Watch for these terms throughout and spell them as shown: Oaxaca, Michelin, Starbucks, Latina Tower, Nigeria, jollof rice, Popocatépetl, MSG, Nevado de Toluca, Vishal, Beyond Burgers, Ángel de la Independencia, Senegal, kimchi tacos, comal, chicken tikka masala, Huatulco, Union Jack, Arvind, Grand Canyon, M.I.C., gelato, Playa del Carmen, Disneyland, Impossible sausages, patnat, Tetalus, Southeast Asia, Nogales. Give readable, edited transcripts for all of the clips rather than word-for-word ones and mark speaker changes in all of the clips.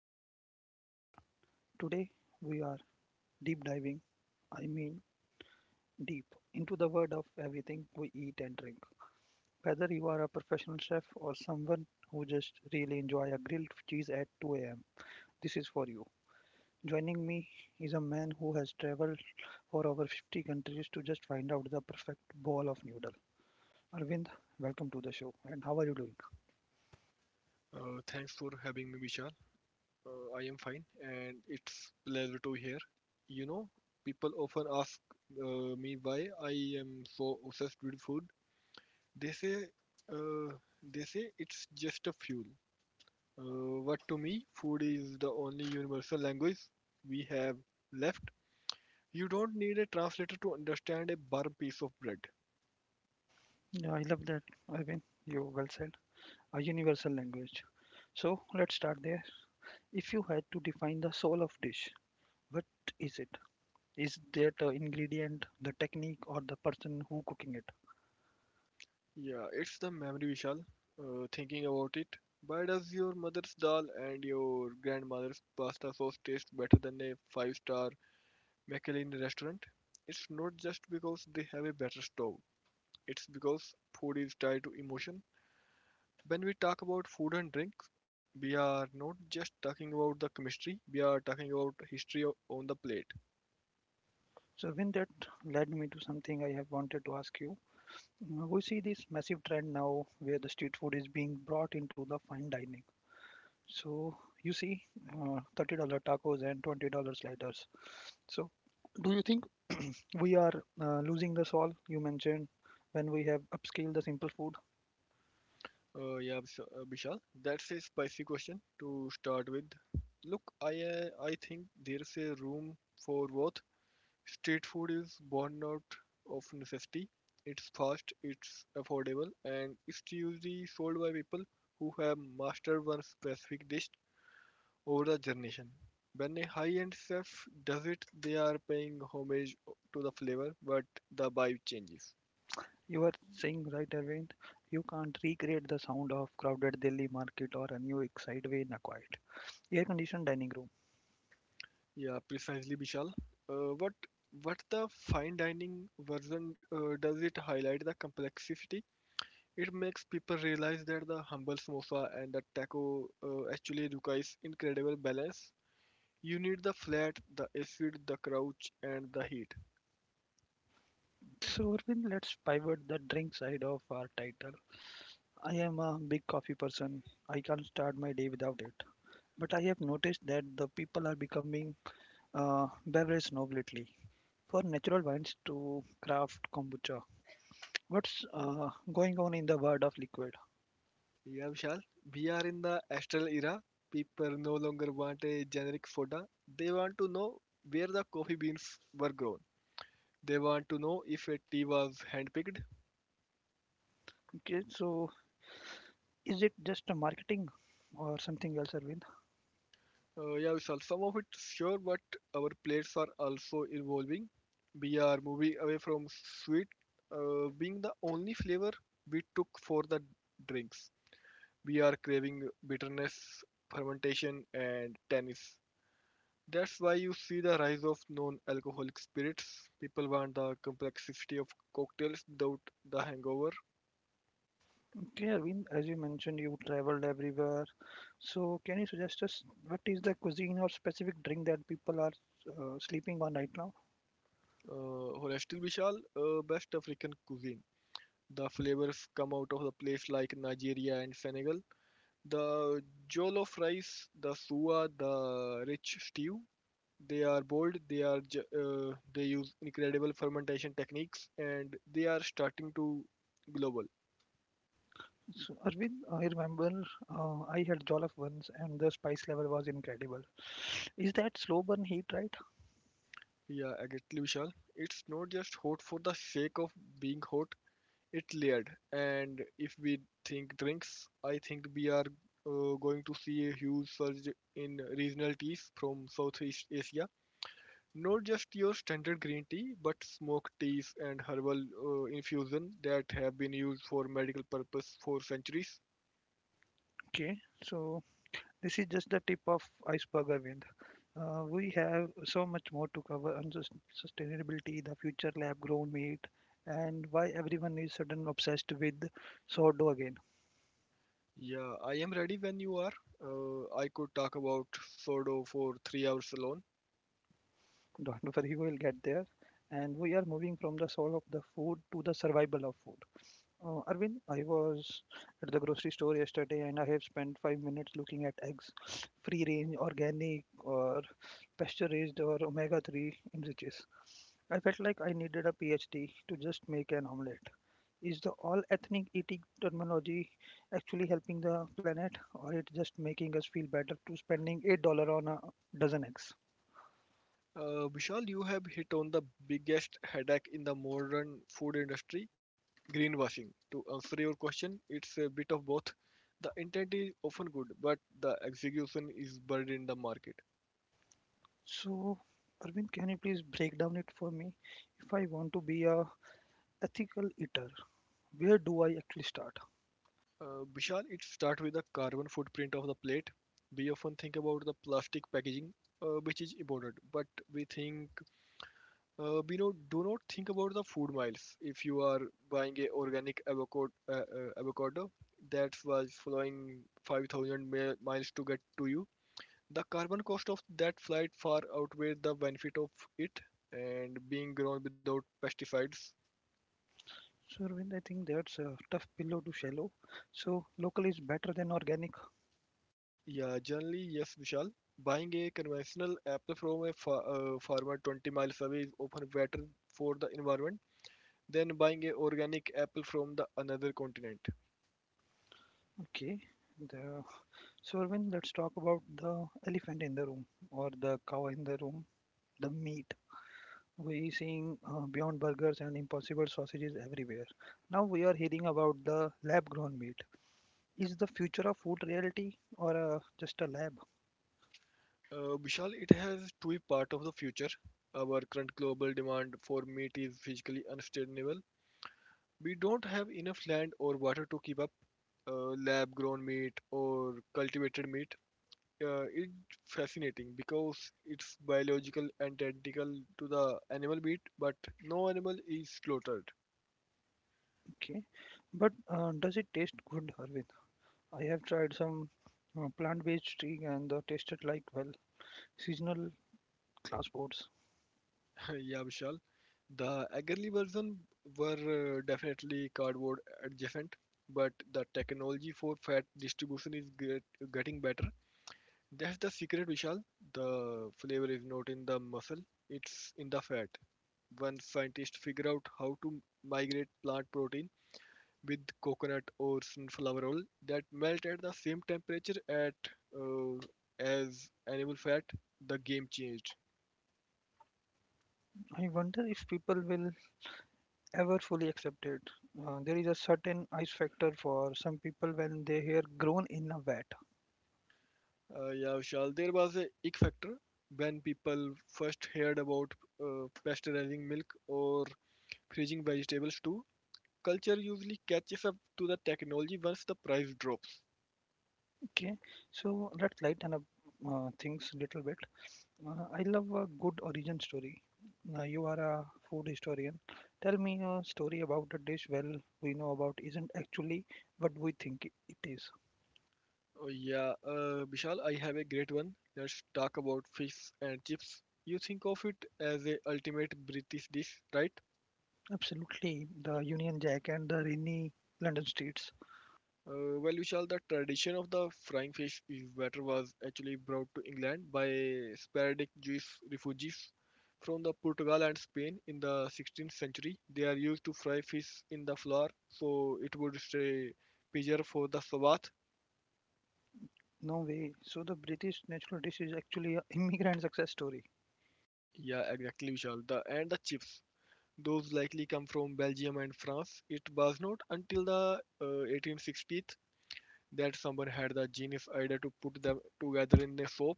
Speaker 1: I am your host Vishal. Today, we are deep diving, I mean deep, into the world of everything we eat and drink. Whether you are a professional chef or someone who just really enjoy a grilled cheese at 2 a.m., this is for you. Joining me is a man who has traveled for over 50 countries to just find out the perfect ball of noodle. Arvind, welcome to the show. And how are you doing?
Speaker 2: Thanks for having me, Vishal. I am fine, and it's pleasure to hear. You know, people often ask me why I am so obsessed with food. They say, uh, they say it's just a fuel. But to me, food is the only universal language we have left. You don't need a translator to understand a burnt piece of bread.
Speaker 1: Yeah, I love that, Arvind. You well said. A universal language. So let's start there. If you had to define the soul of dish, what is it? Is that the ingredient, the technique, or the person who cooking it?
Speaker 2: Yeah, it's the memory, Vishal. Thinking about it, why does your mother's dal and your grandmother's pasta sauce taste better than a five-star Michelin restaurant? It's not just because they have a better stove. It's because food is tied to emotion. When we talk about food and drink, we are not just talking about the chemistry. We are talking about history on the plate.
Speaker 1: So when that led me to something I have wanted to ask you. We see this massive trend now where the street food is being brought into the fine dining. So you see $30 tacos and $20 sliders. So do you think we are losing the soul you mentioned when we have upscaled the simple food?
Speaker 2: Yeah, Vishal, that's a spicy question to start with. Look, I think there's a room for both. Street food is born out of necessity. It's fast, it's affordable, and it's usually sold by people who have mastered one specific dish over the generation. When a high-end chef does it, they are paying homage to the flavor, but the vibe changes.
Speaker 1: You were saying right, Arvind, you can't recreate the sound of crowded Delhi market or a new exciteway in a quiet, air-conditioned dining room.
Speaker 2: Yeah, precisely, Bishal. Uh, what what the fine dining version does it highlight the complexity? It makes people realize that the humble samosa and the taco actually requires incredible balance. You need the flat, the acid, the crouch, and the heat.
Speaker 1: So, Arvind, let's pivot the drink side of our title. I am a big coffee person. I can't start my day without it. But I have noticed that the people are becoming beverage snob lately. For natural wines to craft kombucha, what's going on in the world of liquid?
Speaker 2: Yeah, Vishal. We are in the astral era. People no longer want a generic soda. They want to know where the coffee beans were grown. They want to know if a tea was handpicked.
Speaker 1: Okay, so is it just a marketing or something else, Arvind?
Speaker 2: Yeah, Vishal, some of it sure, but our plates are also evolving. We are moving away from sweet being the only flavor we took for the drinks. We are craving bitterness, fermentation, and tannins. That's why you see the rise of non alcoholic spirits. People want the complexity of cocktails without the hangover.
Speaker 1: Yeah, Arvind, as you mentioned, you traveled everywhere. So, can you suggest us what is the cuisine or specific drink that people are sleeping on right now?
Speaker 2: Honestil Vishal, best African cuisine. The flavors come out of the place like Nigeria and Senegal. The jollof rice, the suwa, the rich stew, they are bold, they use incredible fermentation techniques and they are starting to global.
Speaker 1: So, Arvind, I remember I had jollof once, and the spice level was incredible. Is that slow burn heat, right?
Speaker 2: Yeah, exactly, Vishal. It's not just hot for the sake of being hot, it's layered. And if we think drinks, I think we are going to see a huge surge in regional teas from Southeast Asia. Not just your standard green tea, but smoked teas and herbal infusion that have been used for medical purpose for centuries.
Speaker 1: Okay, so this is just the tip of iceberg, Arvind. We have so much more to cover on sustainability, the future lab grown meat, and why everyone is sudden obsessed with sourdough again.
Speaker 2: Yeah, I am ready when you are. I could talk about sodo for 3 hours alone.
Speaker 1: Don't worry, we will get there. And we are moving from the soul of the food to the survival of food. Arvind, I was at the grocery store yesterday and I have spent 5 minutes looking at eggs, free range, organic, or pasture raised, or omega 3 enriches. I felt like I needed a PhD to just make an omelette. Is the all ethnic eating terminology actually helping the planet, or it just making us feel better to spending $8 on a dozen eggs?
Speaker 2: Vishal, you have hit on the biggest headache in the modern food industry, greenwashing. To answer your question, it's a bit of both. The intent is often good, but the execution is buried in the market.
Speaker 1: So, Arvind, can you please break down it for me? If I want to be a ethical eater, where do I actually start?
Speaker 2: Vishal, it starts with the carbon footprint of the plate. We often think about the plastic packaging, which is important, but we think we know do not think about the food miles. If you are buying a organic avocado, avocado that was flying 5,000 miles to get to you, the carbon cost of that flight far outweighs the benefit of it. And being grown without pesticides.
Speaker 1: So, Arvind, I think that's a tough pillow to swallow. So, local is better than organic.
Speaker 2: Yeah, generally, yes, Vishal. Buying a conventional apple from a fa farmer 20 miles away is often better for the environment than buying a organic apple from the another continent.
Speaker 1: Okay. The, so, Arvind, let's talk about the elephant in the room or the cow in the room, the meat. We seeing Beyond Burgers and Impossible sausages everywhere. Now we are hearing about the lab-grown meat. Is the future of food reality or just a lab?
Speaker 2: Vishal, it has to be part of the future. Our current global demand for meat is physically unsustainable. We don't have enough land or water to keep up lab grown meat or cultivated meat. It's fascinating because it's biological and identical to the animal bit, but no animal is slaughtered.
Speaker 1: Okay, but does it taste good, Harvin? I have tried some plant-based steak and tasted like well seasonal class boards.
Speaker 2: Yeah, Vishal. The early version were definitely cardboard adjacent, but the technology for fat distribution is getting better. That's the secret, Vishal. The flavor is not in the muscle; it's in the fat. When scientists figure out how to migrate plant protein with coconut or sunflower oil that melt at the same temperature at uh, as animal fat, the game changed.
Speaker 1: I wonder if people will ever fully accept it. There is a certain ice factor for some people when they hear grown in a vat.
Speaker 2: Yeah, Vishal, there was a ick factor when people first heard about pasteurizing milk or freezing vegetables too. Culture usually catches up to the technology once the price drops.
Speaker 1: Okay, so let's lighten up things a little bit. I love a good origin story. Now, you are a food historian. Tell me a story about a dish well we know about isn't actually what we think it is.
Speaker 2: Oh yeah, Vishal, I have a great one. Let's talk about fish and chips. You think of it as a ultimate British dish, right?
Speaker 1: Absolutely, the Union Jack and the rainy London streets.
Speaker 2: Well, Vishal, the tradition of the frying fish is batter was actually brought to England by sporadic Jewish refugees from the Portugal and Spain in the 16th century. They are used to fry fish in the flour, so it would stay preserved for the Sabbath.
Speaker 1: No way. So the British national dish is actually a immigrant success story,
Speaker 2: Yeah, exactly, Vishal. The and the chips. Those likely come from Belgium and France. It was not until the 1860s that someone had the genius idea to put them together in a soap.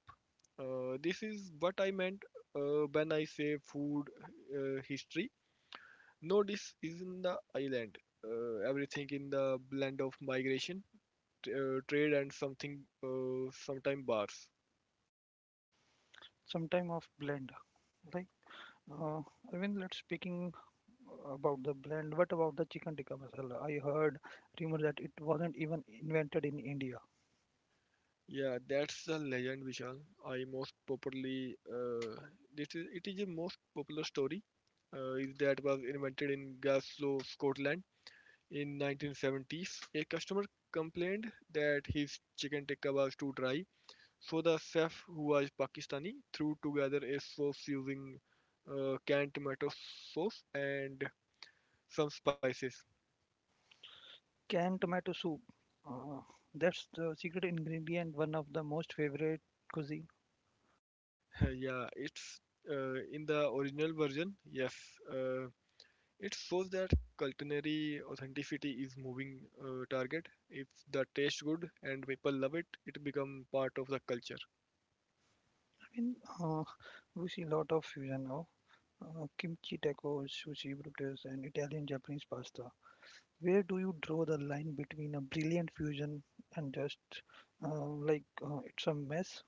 Speaker 2: This is what I meant when I say food history. No, this is in the island. Everything in the blend of migration, trade, and something, sometime bars.
Speaker 1: sometime of blend, right? Uh, I mean, let's speaking about the blend. What about the chicken tikka masala? I heard rumor that it wasn't even invented in India.
Speaker 2: Yeah, that's the legend, Vishal. I most popularly this is it is a most popular story. Is that was invented in Glasgow, Scotland in 1970s. A customer complained that his chicken tikka was too dry, so the chef, who was Pakistani, threw together a sauce using canned tomato sauce and some spices.
Speaker 1: Canned tomato soup. Uh, that's the secret ingredient, one of the most favorite cuisine.
Speaker 2: Yeah, it's in the original version. Yes, uh, it shows that culinary authenticity is moving target. If the taste good and people love it, it become part of the culture.
Speaker 1: I mean, uh, we see a lot of fusion now. Kimchi tacos, sushi, burritos, and Italian Japanese pasta. Where do you draw the line between a brilliant fusion and just it's a mess?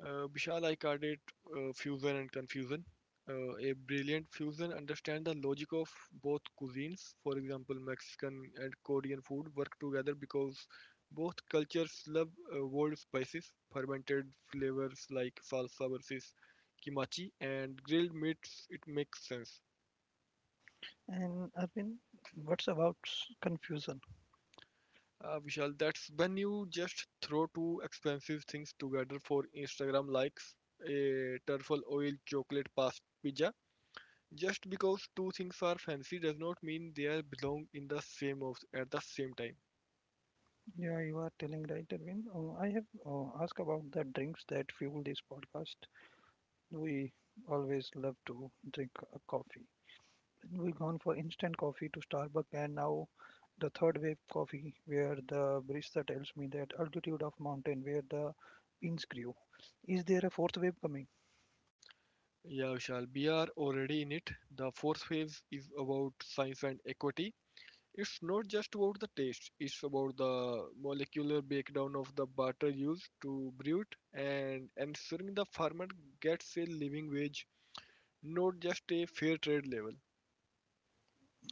Speaker 2: Vishal, I called it fusion and confusion. A brilliant fusion understand the logic of both cuisines. For example, Mexican and Korean food work together because both cultures love bold spices, fermented flavors like salsa versus kimachi, and grilled meats. It makes sense.
Speaker 1: And Arvind, what's about confusion?
Speaker 2: Vishal, that's when you just throw two expensive things together for Instagram likes, a truffle oil chocolate pasta pizza. Just because two things are fancy does not mean they belong in the same house at the same time.
Speaker 1: Yeah, you are telling right, Arvind. I have asked about the drinks that fuel this podcast. We always love to drink a coffee. Then we gone for instant coffee to Starbucks and now the third wave coffee where the barista tells me that altitude of mountain where the beans grew. Is there a fourth wave coming?
Speaker 2: Yeah, Vishal, we are already in it. The fourth phase is about science and equity. It's not just about the taste, it's about the molecular breakdown of the butter used to brew it and ensuring the farmer gets a living wage, not just a fair trade level.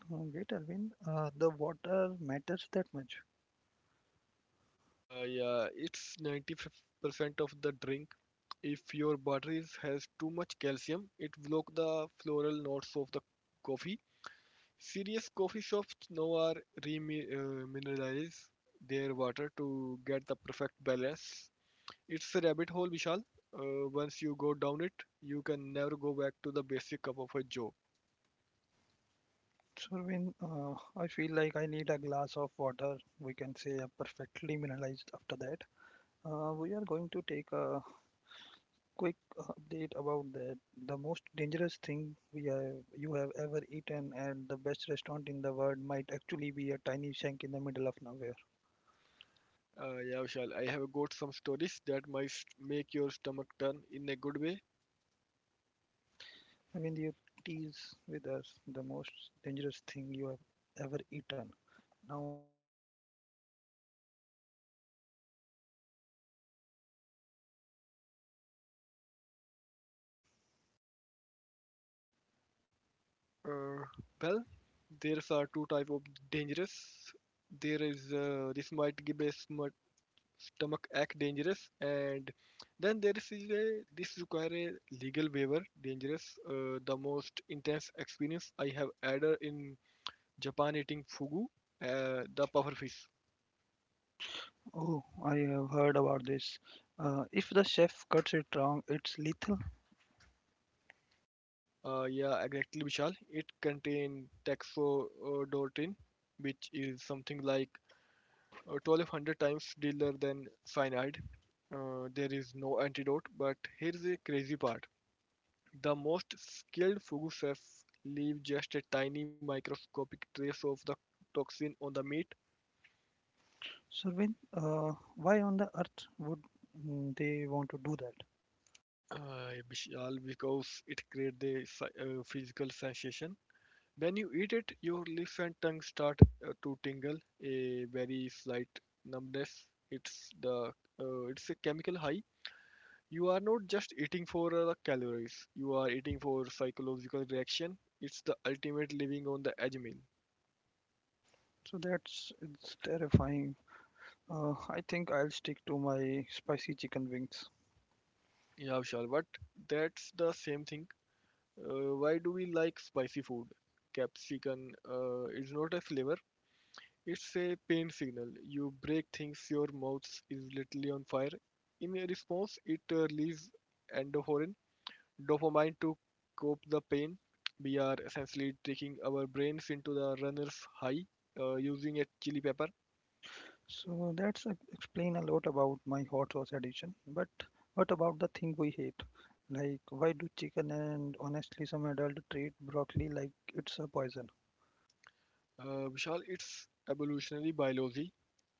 Speaker 1: Oh, wait, Alvin, the water matters that much.
Speaker 2: Yeah, it's 95% of the drink. If your butteries has too much calcium, it block the floral notes of the coffee. Serious coffee shops now are remineralize their water to get the perfect balance. It's a rabbit hole, Vishal. Once you go down it, you can never go back to the basic cup of a joe.
Speaker 1: So, Alvin, I feel like I need a glass of water. We can say a perfectly mineralized after that. We are going to take a quick update about that. The most dangerous thing you have ever eaten and the best restaurant in the world might actually be a tiny shack in the middle of nowhere.
Speaker 2: Yeah, Vishal, I have got some stories that might make your stomach turn in a good way.
Speaker 1: I mean, you tease with us the most dangerous thing you have ever eaten. Now I have seen the most traveled show where people eat little scorpion, but your story is a bit more scientific.
Speaker 2: Uh, well, there's are two type of dangerous. There is this might give a smut stomach ache dangerous, and then there is a, this require a legal waiver dangerous. The most intense experience I have had in Japan eating fugu, the puffer fish.
Speaker 1: Oh, I have heard about this. If the chef cuts it wrong, it's lethal.
Speaker 2: Yeah, exactly, Vishal. It contain taxodortin, which is something like 1200 times dealer than cyanide. There is no antidote, but here's a crazy part. The most skilled Fugu chefs leave just a tiny microscopic trace of the toxin on the meat,
Speaker 1: Survin, why on the earth would they want to do that?
Speaker 2: uh, because it creates a physical sensation. When you eat it, your lips and tongue start to tingle, a very slight numbness. It's a chemical high. You are not just eating for the calories, you are eating for psychological reaction. It's the ultimate living on the edge meal.
Speaker 1: So that's it's terrifying. I think I'll stick to my spicy chicken wings.
Speaker 2: Yeah, Vishal, but that's the same thing. Why do we like spicy food? Capsicum is not a flavor, it's a pain signal. You break things, your mouth is literally on fire. In response, it releases endorphin, dopamine to cope the pain. We are essentially taking our brains into the runner's high using a chili pepper.
Speaker 1: So that's explain a lot about my hot sauce addition. But what about the thing we hate? Like why do chicken and honestly some adult treat broccoli like it's a poison?
Speaker 2: Vishal, it's evolutionary biology.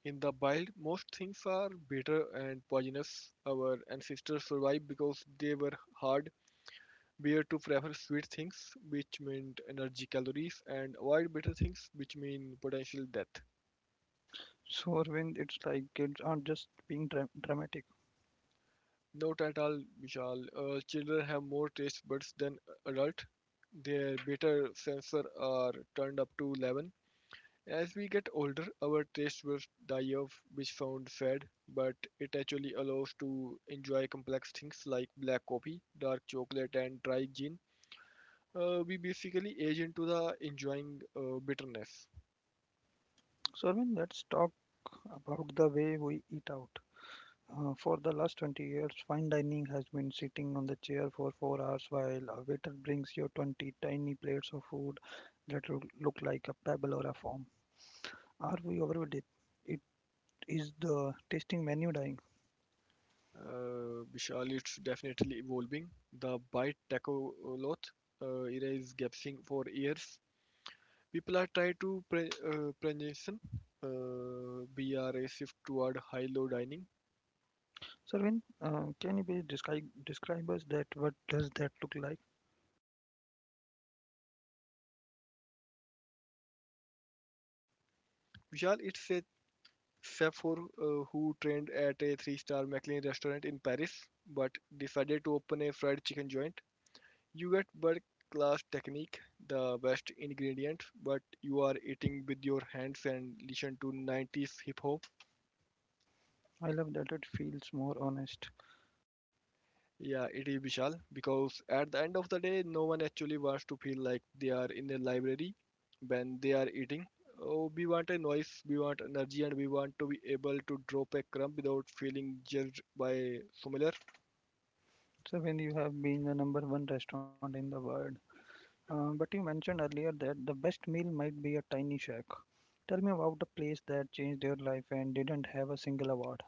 Speaker 2: In the wild, most things are bitter and poisonous. Our ancestors survived because they were hard. We are to prefer sweet things, which meant energy calories, and avoid bitter things, which mean potential death.
Speaker 1: So Arvind, it's like kids aren't just being dramatic.
Speaker 2: Not at all, Vishal. Children have more taste buds than adult. Their bitter sensor are turned up to 11. As we get older, our taste buds die off, which sounds sad, but it actually allows to enjoy complex things like black coffee, dark chocolate, and dry gin. We basically age into the enjoying bitterness.
Speaker 1: So Arvind, let's talk about the way we eat out. For the last 20 years, fine dining has been sitting on the chair for 4 hours while a waiter brings you 20 tiny plates of food that look like a pebble or a foam. Are we overwhelmed? It is the tasting menu dying.
Speaker 2: Vishal, it's definitely evolving. The bite tacoloth it is gaping for years. People are trying to transition, be a shift toward high-low dining.
Speaker 1: Sarvin, can you please describe us that? What does that look like?
Speaker 2: Vishal, it's a chef for, who trained at a three-star Michelin restaurant in Paris, but decided to open a fried chicken joint. You get world-class technique, the best ingredients, but you are eating with your hands and listen to 90s hip-hop.
Speaker 1: I love that it feels more honest.
Speaker 2: Yeah, it is Vishal, because at the end of the day, no one actually wants to feel like they are in a library when they are eating. Oh, we want a noise, we want energy, and we want to be able to drop a crumb without feeling judged by similar.
Speaker 1: Sarvin, you have been the number one restaurant in the world. But you mentioned earlier that the best meal might be a tiny shack. Tell me about a place that changed your life and didn't have a single award.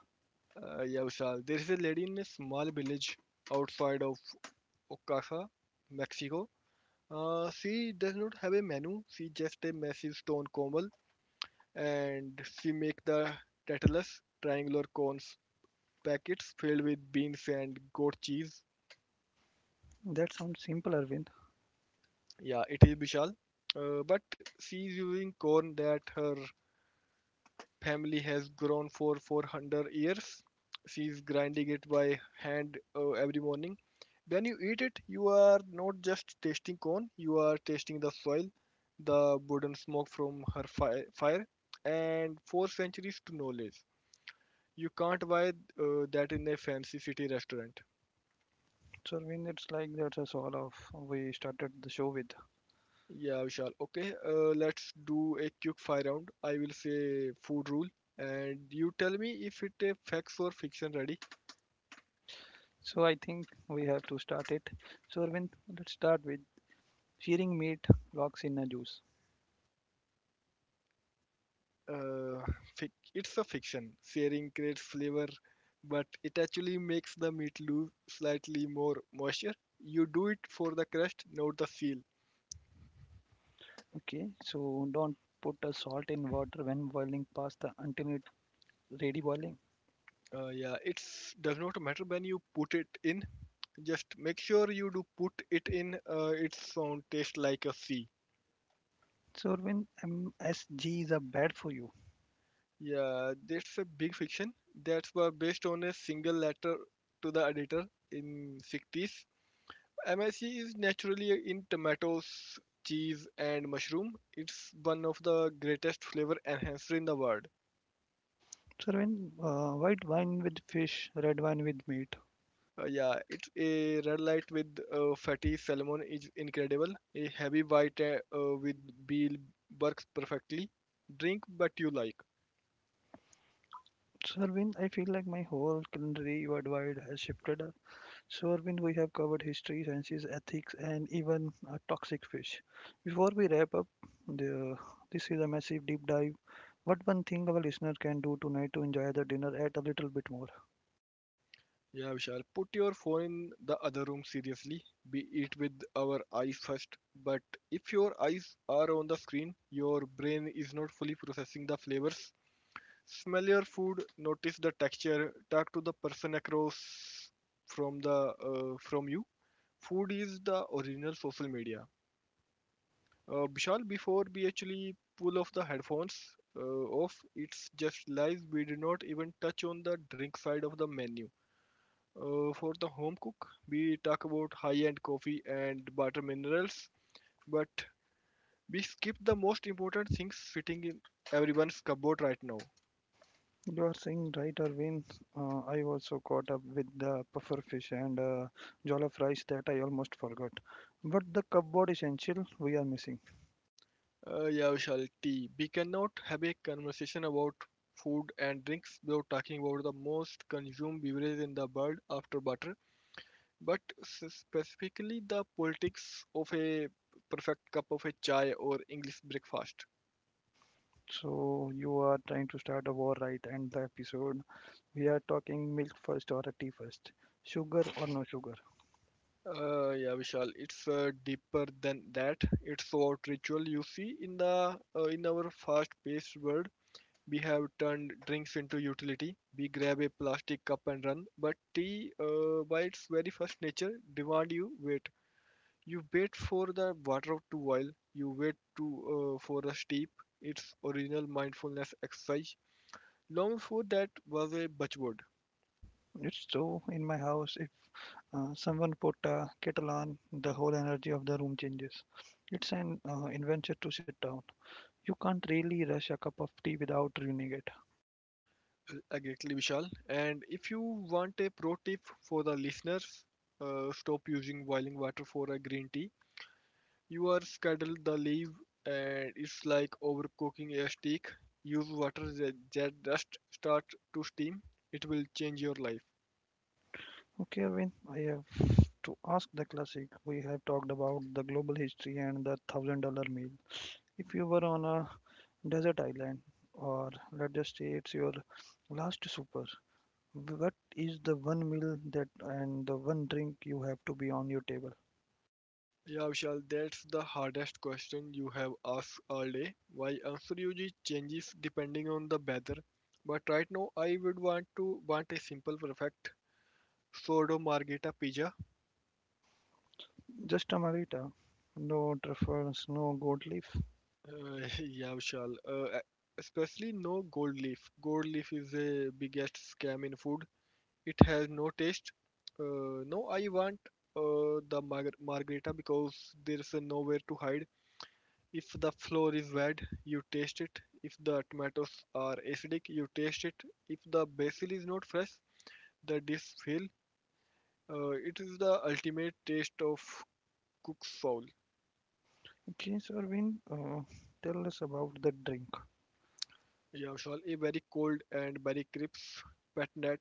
Speaker 2: Yeah, Vishal, there is a lady in a small village outside of Oaxaca, Mexico. She does not have a menu. She just a massive stone comal, and she make the Tetalus triangular cones packets filled with beans and goat cheese.
Speaker 1: That sounds simple, Arvind.
Speaker 2: Yeah, it is Bishal. But she's using corn that her family has grown for 400 years. She's grinding it by hand every morning. When you eat it, you are not just tasting corn, you are tasting the soil, the wooden smoke from her fire, and four centuries to knowledge. You can't buy that in a fancy city restaurant.
Speaker 1: So, Arvind, it's like that's us all of we started the show with.
Speaker 2: Yeah, Vishal. Okay, let's do a quick fire round. I will say food rule, and you tell me if it a facts or fiction. Ready?
Speaker 1: So, I think we have to start it. So, Arvind, let's start with searing meat locks in a juice.
Speaker 2: Uh, it's a fiction. Sharing creates flavor, but it actually makes the meat lose slightly more moisture. You do it for the crust, not the seal.
Speaker 1: Okay, so don't put a salt in water when boiling pasta until it's ready boiling.
Speaker 2: Yeah, it does not matter when you put it in. Just make sure you do put it in. Its sound taste like a sea.
Speaker 1: So, Arvind, MSG is a bad for you.
Speaker 2: Yeah, that's a big fiction. That was based on a single letter to the editor in 60s. M.I.C. is naturally in tomatoes, cheese, and mushroom. It's one of the greatest flavor enhancer in the world.
Speaker 1: Sarvin, white wine with fish, red wine with meat.
Speaker 2: Yeah, it's a red light with fatty salmon is incredible. A heavy white with beel works perfectly. Drink what you like.
Speaker 1: Sarvin, I feel like my whole culinary worldwide has shifted. So, Arvind, we have covered history, sciences, ethics, and even toxic fish. Before we wrap up, the, this is a massive deep dive. What one thing our listener can do tonight to enjoy the dinner at a little bit more?
Speaker 2: Yeah, Vishal, put your phone in the other room seriously. Be it with our eyes first. But if your eyes are on the screen, your brain is not fully processing the flavors. Smell your food, notice the texture, talk to the person across from the from you. Food is the original social media. Vishal, before we actually pull off the headphones uh, off, it's just lies we did not even touch on the drink side of the menu for the home cook, we talk about high-end coffee and butter minerals, but we skip the most important things sitting in everyone's cupboard right now.
Speaker 1: You are saying right, Arvind. I also caught up with the puffer fish and jollof rice that I almost forgot. But the cupboard essential we are missing.
Speaker 2: Yeah, Vishal, tea. We cannot have a conversation about food and drinks without talking about the most consumed beverage in the world after butter, but specifically the politics of a perfect cup of a chai or English breakfast.
Speaker 1: So you are trying to start a war, right? And the episode we are talking milk first or a tea first, sugar or no sugar.
Speaker 2: Yeah, Vishal, it's deeper than that. It's about ritual. You see, in the in our fast-paced world, we have turned drinks into utility. We grab a plastic cup and run. But tea, by its very first nature, demand you wait. You wait for the water to boil. You wait to for a steep. Its original mindfulness exercise. Long before that was a buzzword.
Speaker 1: It's so in my house if someone put a kettle on, the whole energy of the room changes. It's an adventure to sit down. You can't really rush a cup of tea without ruining it.
Speaker 2: Exactly, Vishal. And if you want a pro tip for the listeners, stop using boiling water for a green tea. You are scuddle the leaf, and it's like overcooking a steak. Use water that just start to steam. It will change your life.
Speaker 1: Okay, Arvind, I have to ask the classic. We have talked about the global history and the $1,000 meal. If you were on a desert island, or let's just say it's your last super. What is the one meal that and the one drink you have to be on your table?
Speaker 2: Yeah, Vishal, that's the hardest question you have asked all day. Why answer usually changes depending on the weather. But right now, I would want a simple, perfect sourdough margherita pizza.
Speaker 1: Just a margarita, no truffles, no gold leaf.
Speaker 2: Uh, yeah, Vishal. Especially no gold leaf. Gold leaf is the biggest scam in food. It has no taste. No, I want the margarita, because there's nowhere to hide. If the flour is bad, you taste it. If the tomatoes are acidic, you taste it. If the basil is not fresh, the dish fail. It is the ultimate taste of cook's soul.
Speaker 1: Okay, so Arvind, tell us about the drink.
Speaker 2: Yeah, Vishal. A very cold and very crisp patnat.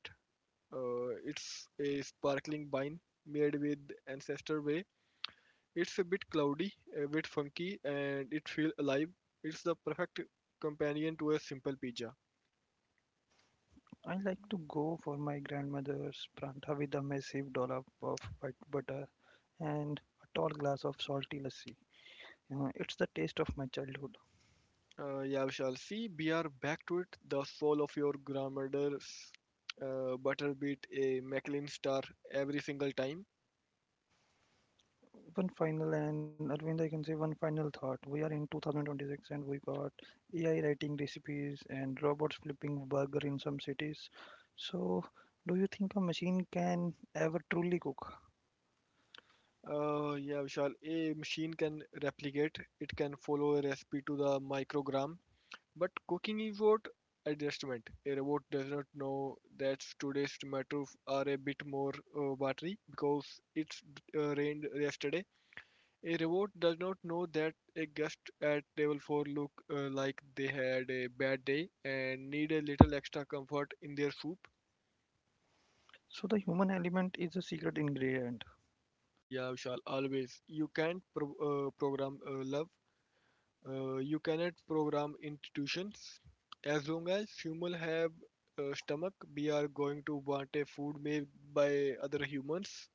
Speaker 2: It's a sparkling wine made with ancestor way. It's a bit cloudy, a bit funky, and it feels alive. It's the perfect companion to a simple pizza.
Speaker 1: I like to go for my grandmother's pranta with a massive dollop of white butter and a tall glass of salty lassi. It's the taste of my childhood.
Speaker 2: Yeah, Vishal. See, we are back to it. The soul of your grandmother's butter beat a Michelin star every single time.
Speaker 1: One final and Arvind, I can say one final thought. We are in 2026 and we got AI writing recipes and robots flipping burger in some cities. So, do you think a machine can ever truly cook?
Speaker 2: Yeah, Vishal. A machine can replicate. It can follow a recipe to the microgram. But cooking is what adjustment. A robot does not know that today's tomatoes are a bit more watery because it's rained yesterday. A robot does not know that a guest at level 4 look like they had a bad day and need a little extra comfort in their soup.
Speaker 1: So the human element is a secret ingredient.
Speaker 2: Yeah, Vishal, always. You can't program love. You cannot program institutions. As long as humans have stomach, we are going to want a food made by other humans.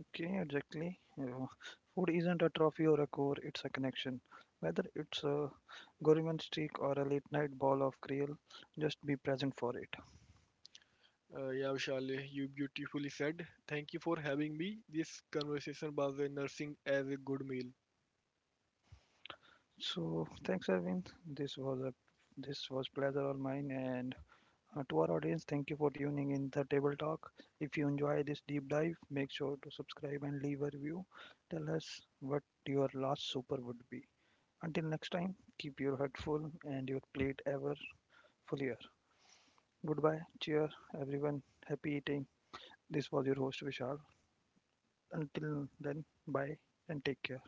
Speaker 1: Okay, exactly. Food isn't a trophy or a core; it's a connection. Whether it's a gourmet streak or a late night ball of krill, just be present for it.
Speaker 2: Yeah, Vishal, you beautifully said. Thank you for having me. This conversation was a nursing as a good meal.
Speaker 1: So thanks, Arvind. This was pleasure all mine, and to our audience, thank you for tuning in the table talk. If you enjoy this deep dive, make sure to subscribe and leave a review. Tell us what your last super would be. Until next time, keep your head full and your plate ever fuller. Goodbye, cheer, everyone. Happy eating. This was your host Vishal. Until then, bye and take care.